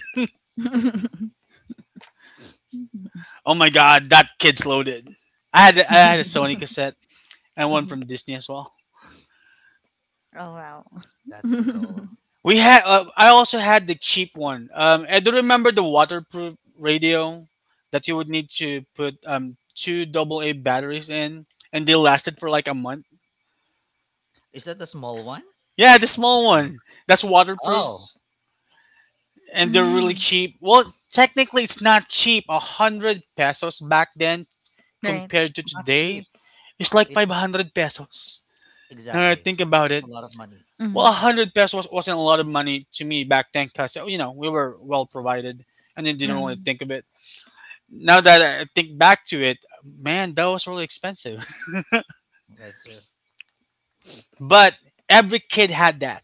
Mm. Oh my god, that kid's loaded. I had a Sony <laughs> cassette and one Mhm. from Disney as well. oh wow. That's cool. <laughs> We had I also had the cheap one. I do remember the waterproof radio that you would need to put 2 AA batteries in, and they lasted for like a month. Is that the small one? Yeah, the I can't small remember. one that's waterproof, Oh, and they're really mm, cheap. Well, technically it's not cheap. 100 pesos back then right. compared to it's not today, cheap. it's like five It's hundred pesos. Now that I exactly. think about It's it, a lot of money. well, a Mm, hundred pesos wasn't a lot of money to me back then, because we were well provided, and then didn't Yeah. really mm, think of it. Now that I think back to it, man, that was really expensive. That's true. <laughs> But every kid had that.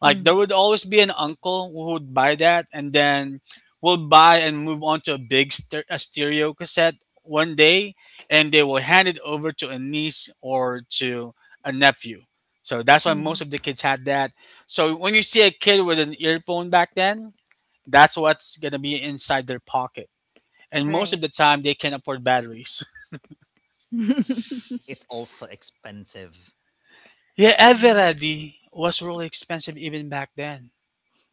Like there mm, would always be an uncle who would buy that, and then will buy and move on to a stereo cassette one day, and they will hand it over to a niece or to a nephew. So that's why most Hmm. of the kids had that. So when you see a kid with an earphone back then, that's what's gonna be inside their pocket. And most of right. the time, they can not afford batteries. <laughs> It's also expensive. <laughs> Yeah, yeah. Eveready was really expensive even back then.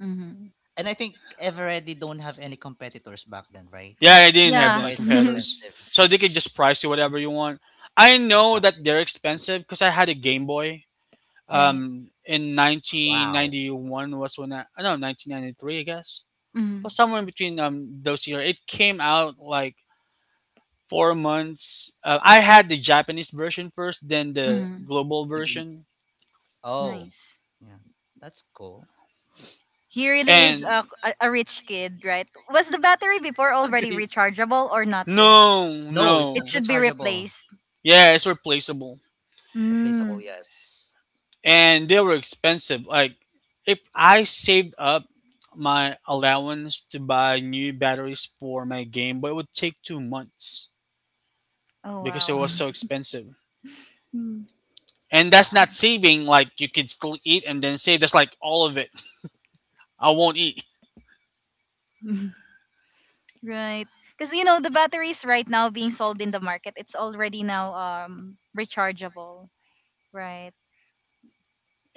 Mm-hmm. And I think Eveready don't have any competitors back then, right? Yeah, I didn't have That's Yeah. why any it's so <laughs> competitors. expensive. So they could just price you whatever you want. I know that Exactly. they're expensive because I had a Game Boy. right. In Wow. 1991 was when I don't know, 1993, I guess. Mm, But somewhere in between those years, it came out like 4 months. I had the Japanese version first, then the mm, global Naging, version, oh, nice. yeah. That's cool. He really is and a, rich kid, right? Was the battery before already Agreed. rechargeable or not yet? no, No, it's It not no. should be rechargeable. replaced. Yeah, it's replaceable. Mm. Replaceable, yes. And they were expensive. Like if I saved up my allowance to buy new batteries for my game, but it would take 2 months Oh because it wow. was so <laughs> expensive. Mm. And that's not Wow. saving like you could still eat and then save. That's like all of it. <laughs> I won't eat. <laughs> right. Because you know the batteries right now being sold in the market, it's already now rechargeable, right?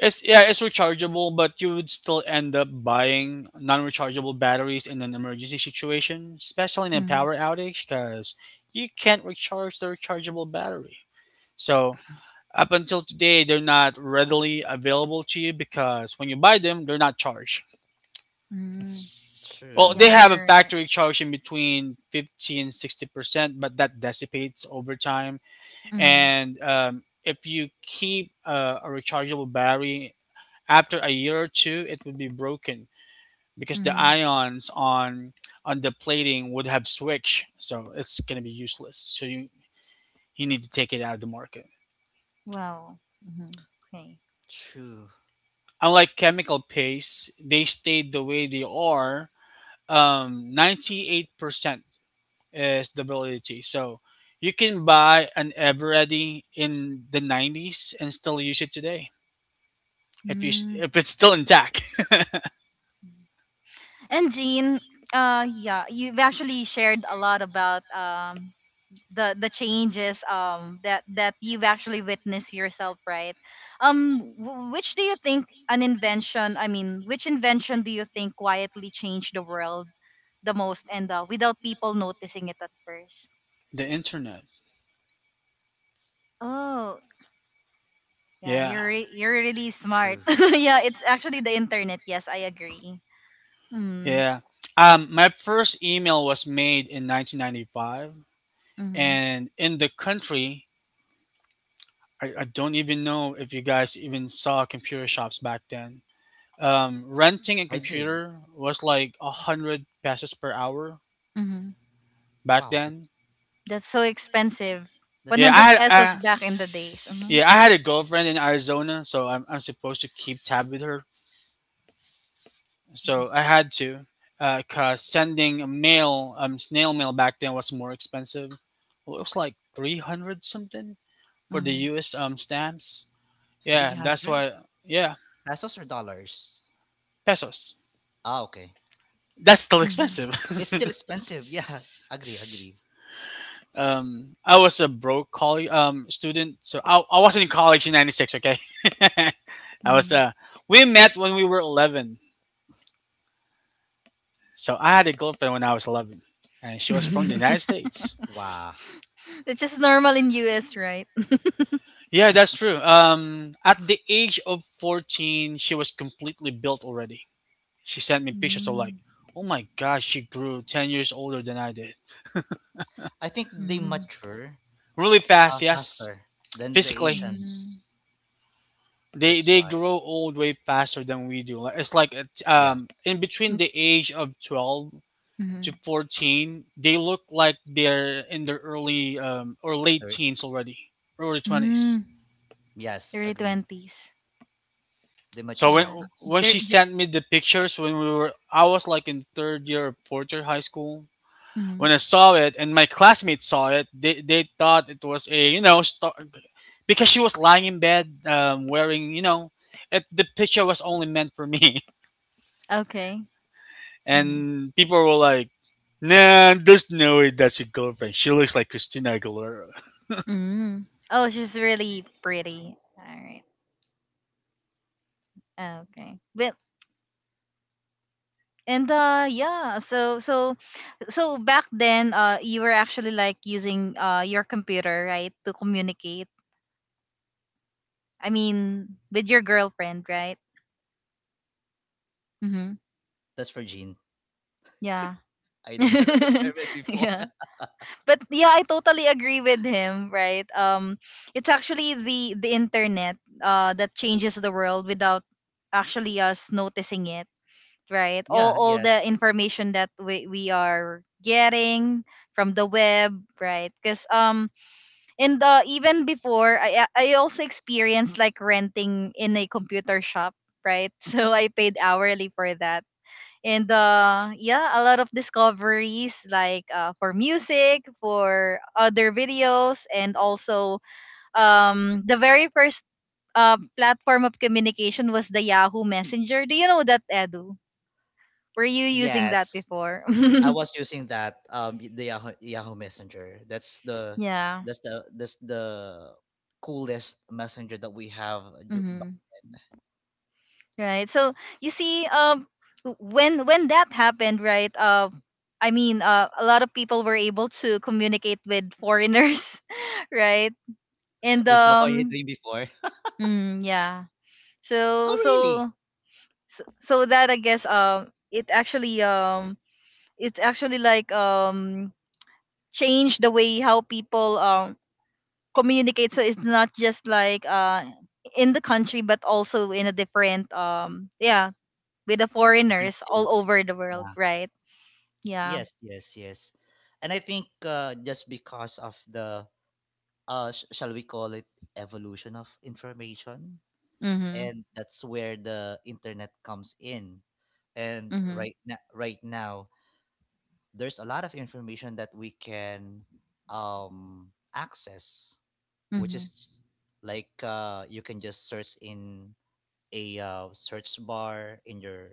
It's Yeah, it's rechargeable, but you would still end up buying non-rechargeable batteries in an emergency situation, especially in a Mm-hmm. power outage, because you can't recharge the rechargeable battery. So up until today, they're not readily available to you because when you buy them, they're not charged. Mm-hmm. Well, they Yeah, True. have a you're right. factory charge in between 50 and 60%, but that dissipates over time. Mm-hmm. And if you keep a rechargeable battery after a year or two, it would be broken because the Mm-hmm. ions on the plating would have switched, so it's gonna be useless. So you need to take it out of the market. Wow. Mm-hmm. Okay. True. Unlike chemical pastes, they stayed the way they are. 98% is the validity. So you can buy an Eveready in the 90s and still use it today Mm. if it's still intact. And Jean, yeah, you've actually shared a lot about the changes that you've actually witnessed yourself right which do you think an invention I mean which invention do you think quietly changed the world the most and without people noticing it at first <laughs> The internet, oh yeah yeah. You're really smart True. <laughs> yeah it's actually the internet yes I agree <laughs> mm, Yeah. My first email was made in 1995, mm-hmm, and in the country, I don't even know if you guys even saw computer shops back then. Renting a I did. computer was like 100 pesos per hour mm-hmm. back Wow, then. That's so expensive that's Yeah, 100 expensive. pesos back in the days mm-hmm, yeah, I had a girlfriend in Arizona, so I'm supposed to keep tab with her. So I had to, cause sending a mail snail mail back then was more expensive. Well, it was like 300 something for the mm-hmm, U.S. Stamps. Yeah, that's 300 why. Yeah, pesos or dollars? pesos. Ah, okay. That's still mm-hmm. expensive. <laughs> It's still expensive. Yeah, <laughs> agree, agree. I was a broke college student, so I wasn't in college in '96. Okay, <laughs> I was. We met when we were 11, so I had a girlfriend when I was 11, and she was from the mm-hmm. United <laughs> States. Wow. It's just normal in US, right? Yeah, that's true. At the age of 14, she was completely built already. She sent me pictures of like, Mm, oh my gosh, she grew 10 years older than I did. I think they mm, mature Really fast, yes, faster than the physically. mm, Asians. they That's they why. grow old way faster than we do. Like, Yeah. In between mm, the age of 12 to mhm, 14, they look like they're in their early or late there- teens already, early 20s. mm. Yes, Early agreed. 20s. They mature So when so Yeah. fast. when They're she j- sent me the pictures when we were I was like in third year or fourth year high school. When mhm. I saw it and my classmates saw it, they thought it was a star, because she was lying in bed wearing it, the picture was only meant for me. <laughs> Okay. hmm And people were like, "Nah, there's no way that's your girlfriend. She looks like Christina Aguilera." Mm. Oh, she's really pretty. All right. Okay. Well, and yeah, so back then you were actually like using your computer, right, to communicate. I mean, with your girlfriend, right? Mhm. That's for Jean. Yeah. I <laughs> don't <laughs> have a experiment before. yeah. <laughs> but yeah, I totally agree with him, right? It's actually the internet that changes the world without actually us noticing it, right? All Yeah. all the Yes. information that we are getting from the web, right? Because and even before I I also experienced like renting in a computer shop, right? <laughs> So I paid hourly for that and yeah, a lot of discoveries like for music, for other videos, and also the very first platform of communication was the Yahoo Messenger. Do you know that, Edu? Were you using that Yes. before? <laughs> I was using that. The Yahoo, Yahoo Messenger. Yeah. That's the coolest messenger that we have. Hmm. Right, you see, when that happened, right? A lot of people were able to communicate with foreigners, <laughs> right? and Is that what you're um doing before? <laughs> Mm, yeah. Oh, so really? so so so that i guess um it actually, it's actually like change the way how people communicate. So it's not just like in the country, but also in a different, yeah, with the The French foreigners all dates. over the world, right? Yeah. Yes, yes, yes. And I think just because of the shall we call it evolution of information, Mhm. and that's where the internet comes in. And Mhm. right now, there's a lot of information that we can access, which Mhm. is like you can just search in a search bar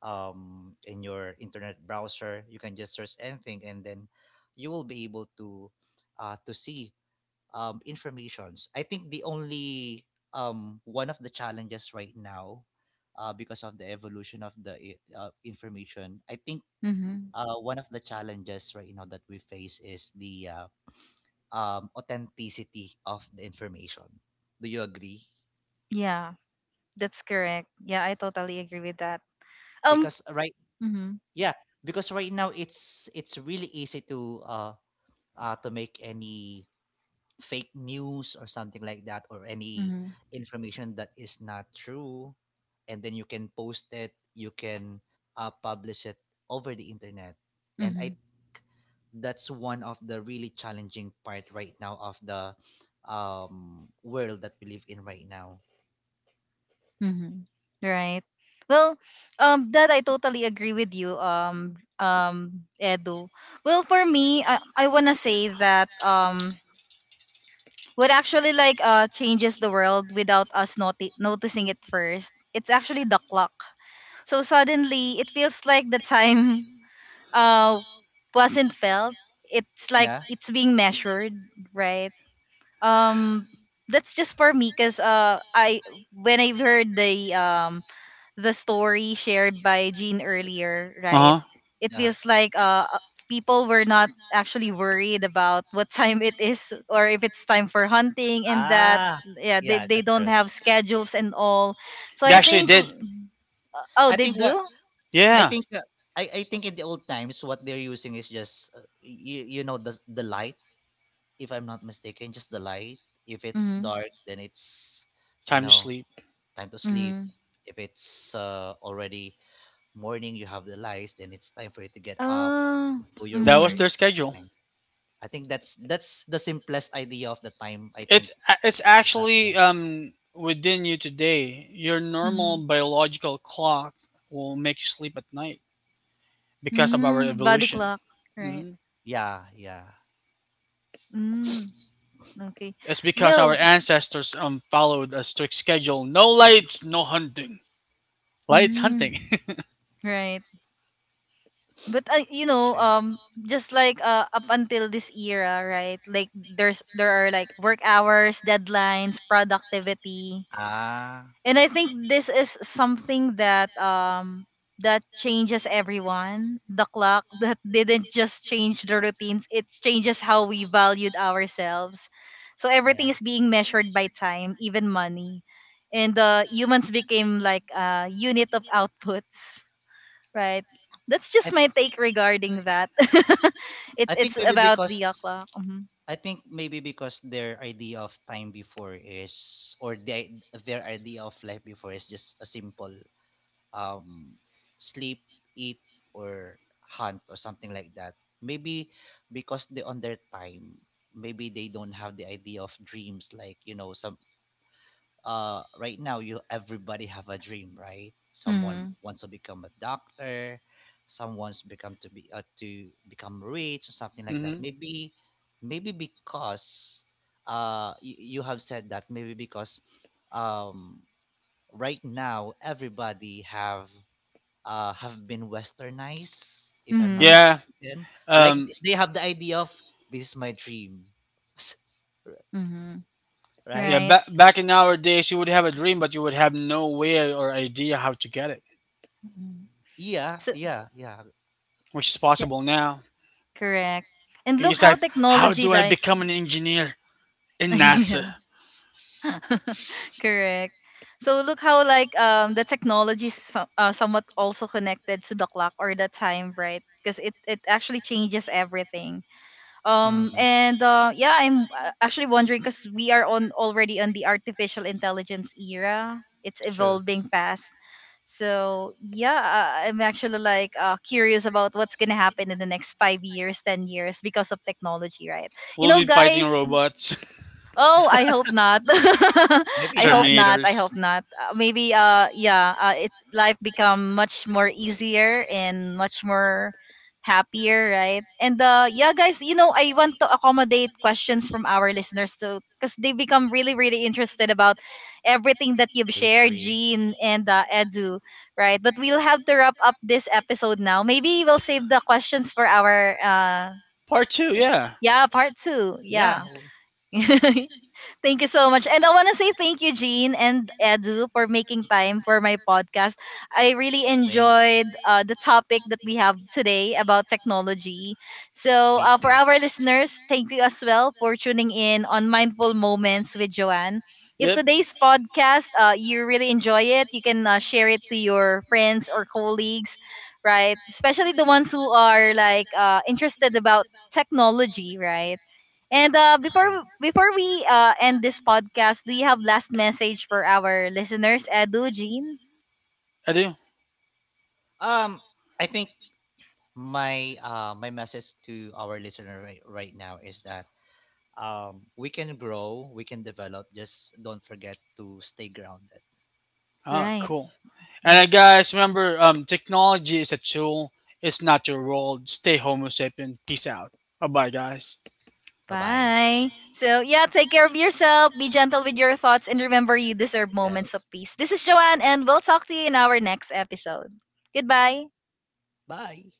in your internet browser. You can just search anything, and then you will be able to see informations. I think the only one of the challenges right now, because of the evolution of the information, I think Mhm. One of the challenges right now that we face is the authenticity of the information. Do you agree? Yeah, that's correct. Yeah, I totally agree with that. um Because right, mhm. yeah, because right now it's really easy to make any fake news or something like that, or any Mhm. information that is not true, and then you can post it, you can publish it over the internet. And I Mhm. That's one of the really challenging part right now of the world that we live in right now. Mhm. Right. Well, that I totally agree with you, Edu. Well, for me, I wanna say that, what actually like changes the world without us noticing it first. It's actually the clock. So suddenly, it feels like the time <laughs> uh wasn't felt. It's like Yeah. it's being measured, right? Um, that's just for me, cause I when I've heard the story shared by Jean earlier, Uh right? huh. It Yeah. feels like people were not actually worried about what <laughs> time it is, or if it's time for hunting and that. Ah, Yeah, yeah, they that's don't true. have schedules and all. So They I actually think did. Oh, I they think what do? I Yeah, think I think in the old times what they're using is just you know, the light, if I'm not mistaken, just the light. If it's Mhm. dark, then it's you time to know sleep. time to sleep. Mhm. If it's already morning, you have the lights, then it's time for you to get up, Oh. do your That was work, Mhm. their schedule. something. I think that's the simplest idea of the time, I think, It's back actually then. Within you today. Your normal Mhm. biological clock will make you sleep at night because of our Mm, body evolution. clock, right? Hmm. Yeah, yeah. Mm, okay. It's because our Well, ancestors followed a strict schedule. No lights, no hunting. Lights mm, hunting. right. But I, you know, Sure. Just like up until this era, right? Like there are like work hours, deadlines, productivity, Ah, and I think this is something that that changes everyone. The clock <laughs> that didn't just change the routines; it changes how we valued ourselves. So everything yeah. is being measured by time, even money, and humans became like a unit of outputs, right? That's just I my take regarding that. <laughs> it's I think it's maybe about the because o'clock. Mm-hmm. I think maybe because their idea of time before is, or the, their idea of life before is just a simple um, sleep, eat, or hunt, or something like that. Maybe because they on their time, maybe they don't have the idea of dreams, like you know, some right now you everybody have a dream, right? Someone Mm-hmm. wants to become a doctor, someone's become to be to become rich or something <laughs> like that. Hmm. Maybe, maybe because you, you have said that, maybe because um right now everybody have been westernized, if I'm not Mm-hmm. Yeah. mistaken, like Um, they have the idea of this is my dream. <laughs> Mm-hmm. Yeah, Right. Right. Back in our days, you would have a dream, but you would have no way or idea how to get it, Mhm. Yeah, So yeah, yeah. which is yeah, possible now. correct. And You look just how type, "How technology do I like become an engineer in NASA?" <laughs> yeah. <laughs> Correct. So look how like the technology is so, somewhat also connected to the clock or the time, right? Because it actually changes everything. Mm, And Yeah, I'm actually wondering, because we are on, already on, the artificial intelligence era. It's true. evolving fast. So yeah, I'm actually like curious about what's gonna happen in the next 5 years, 10 years, because of technology, right? You We'll know, be fighting guys. robots, Oh, I hope not. <laughs> Maybe <laughs> I not hope not. I Terminators. hope not. Maybe it's life become much more easier and much more happier, right? And yeah, guys, you know, I want to accommodate questions from our listeners too, cuz they become really really interested about everything that you've shared, history. Jean and Edu, right? But we'll have to wrap up this episode now. Maybe we'll save the questions for our Part 2, yeah. yeah, part 2. Yeah, Yeah. <laughs> Thank you so much. And I want to say thank you, Jean and Edu, for making time for my podcast. I really same. enjoyed the topic that we have today about technology. So, Me for too. our listeners, thank you as well for tuning in on Mindful Moments with Joanne. If Yep, today's podcast, you really enjoy it, you can share it to your friends or colleagues, right? Especially the ones who are like interested about technology, right? And before Yes. before we end this podcast, do you have last message for our listeners, Edu, Jean? I do. Um, I think my message to our listener, right now, is that we can grow, we can develop. Just don't forget to stay grounded. Oh, Right. cool. And Mhm. guys, remember, technology is a tool, it's not your world. Stay Homo sapien. Peace out. Bye bye, guys. Bye bye. Bye. So yeah, take care of yourself, be gentle with your thoughts, and remember you deserve moments of Yes. peace. This is Joanne, and we'll talk to you in our next episode. Goodbye. Bye.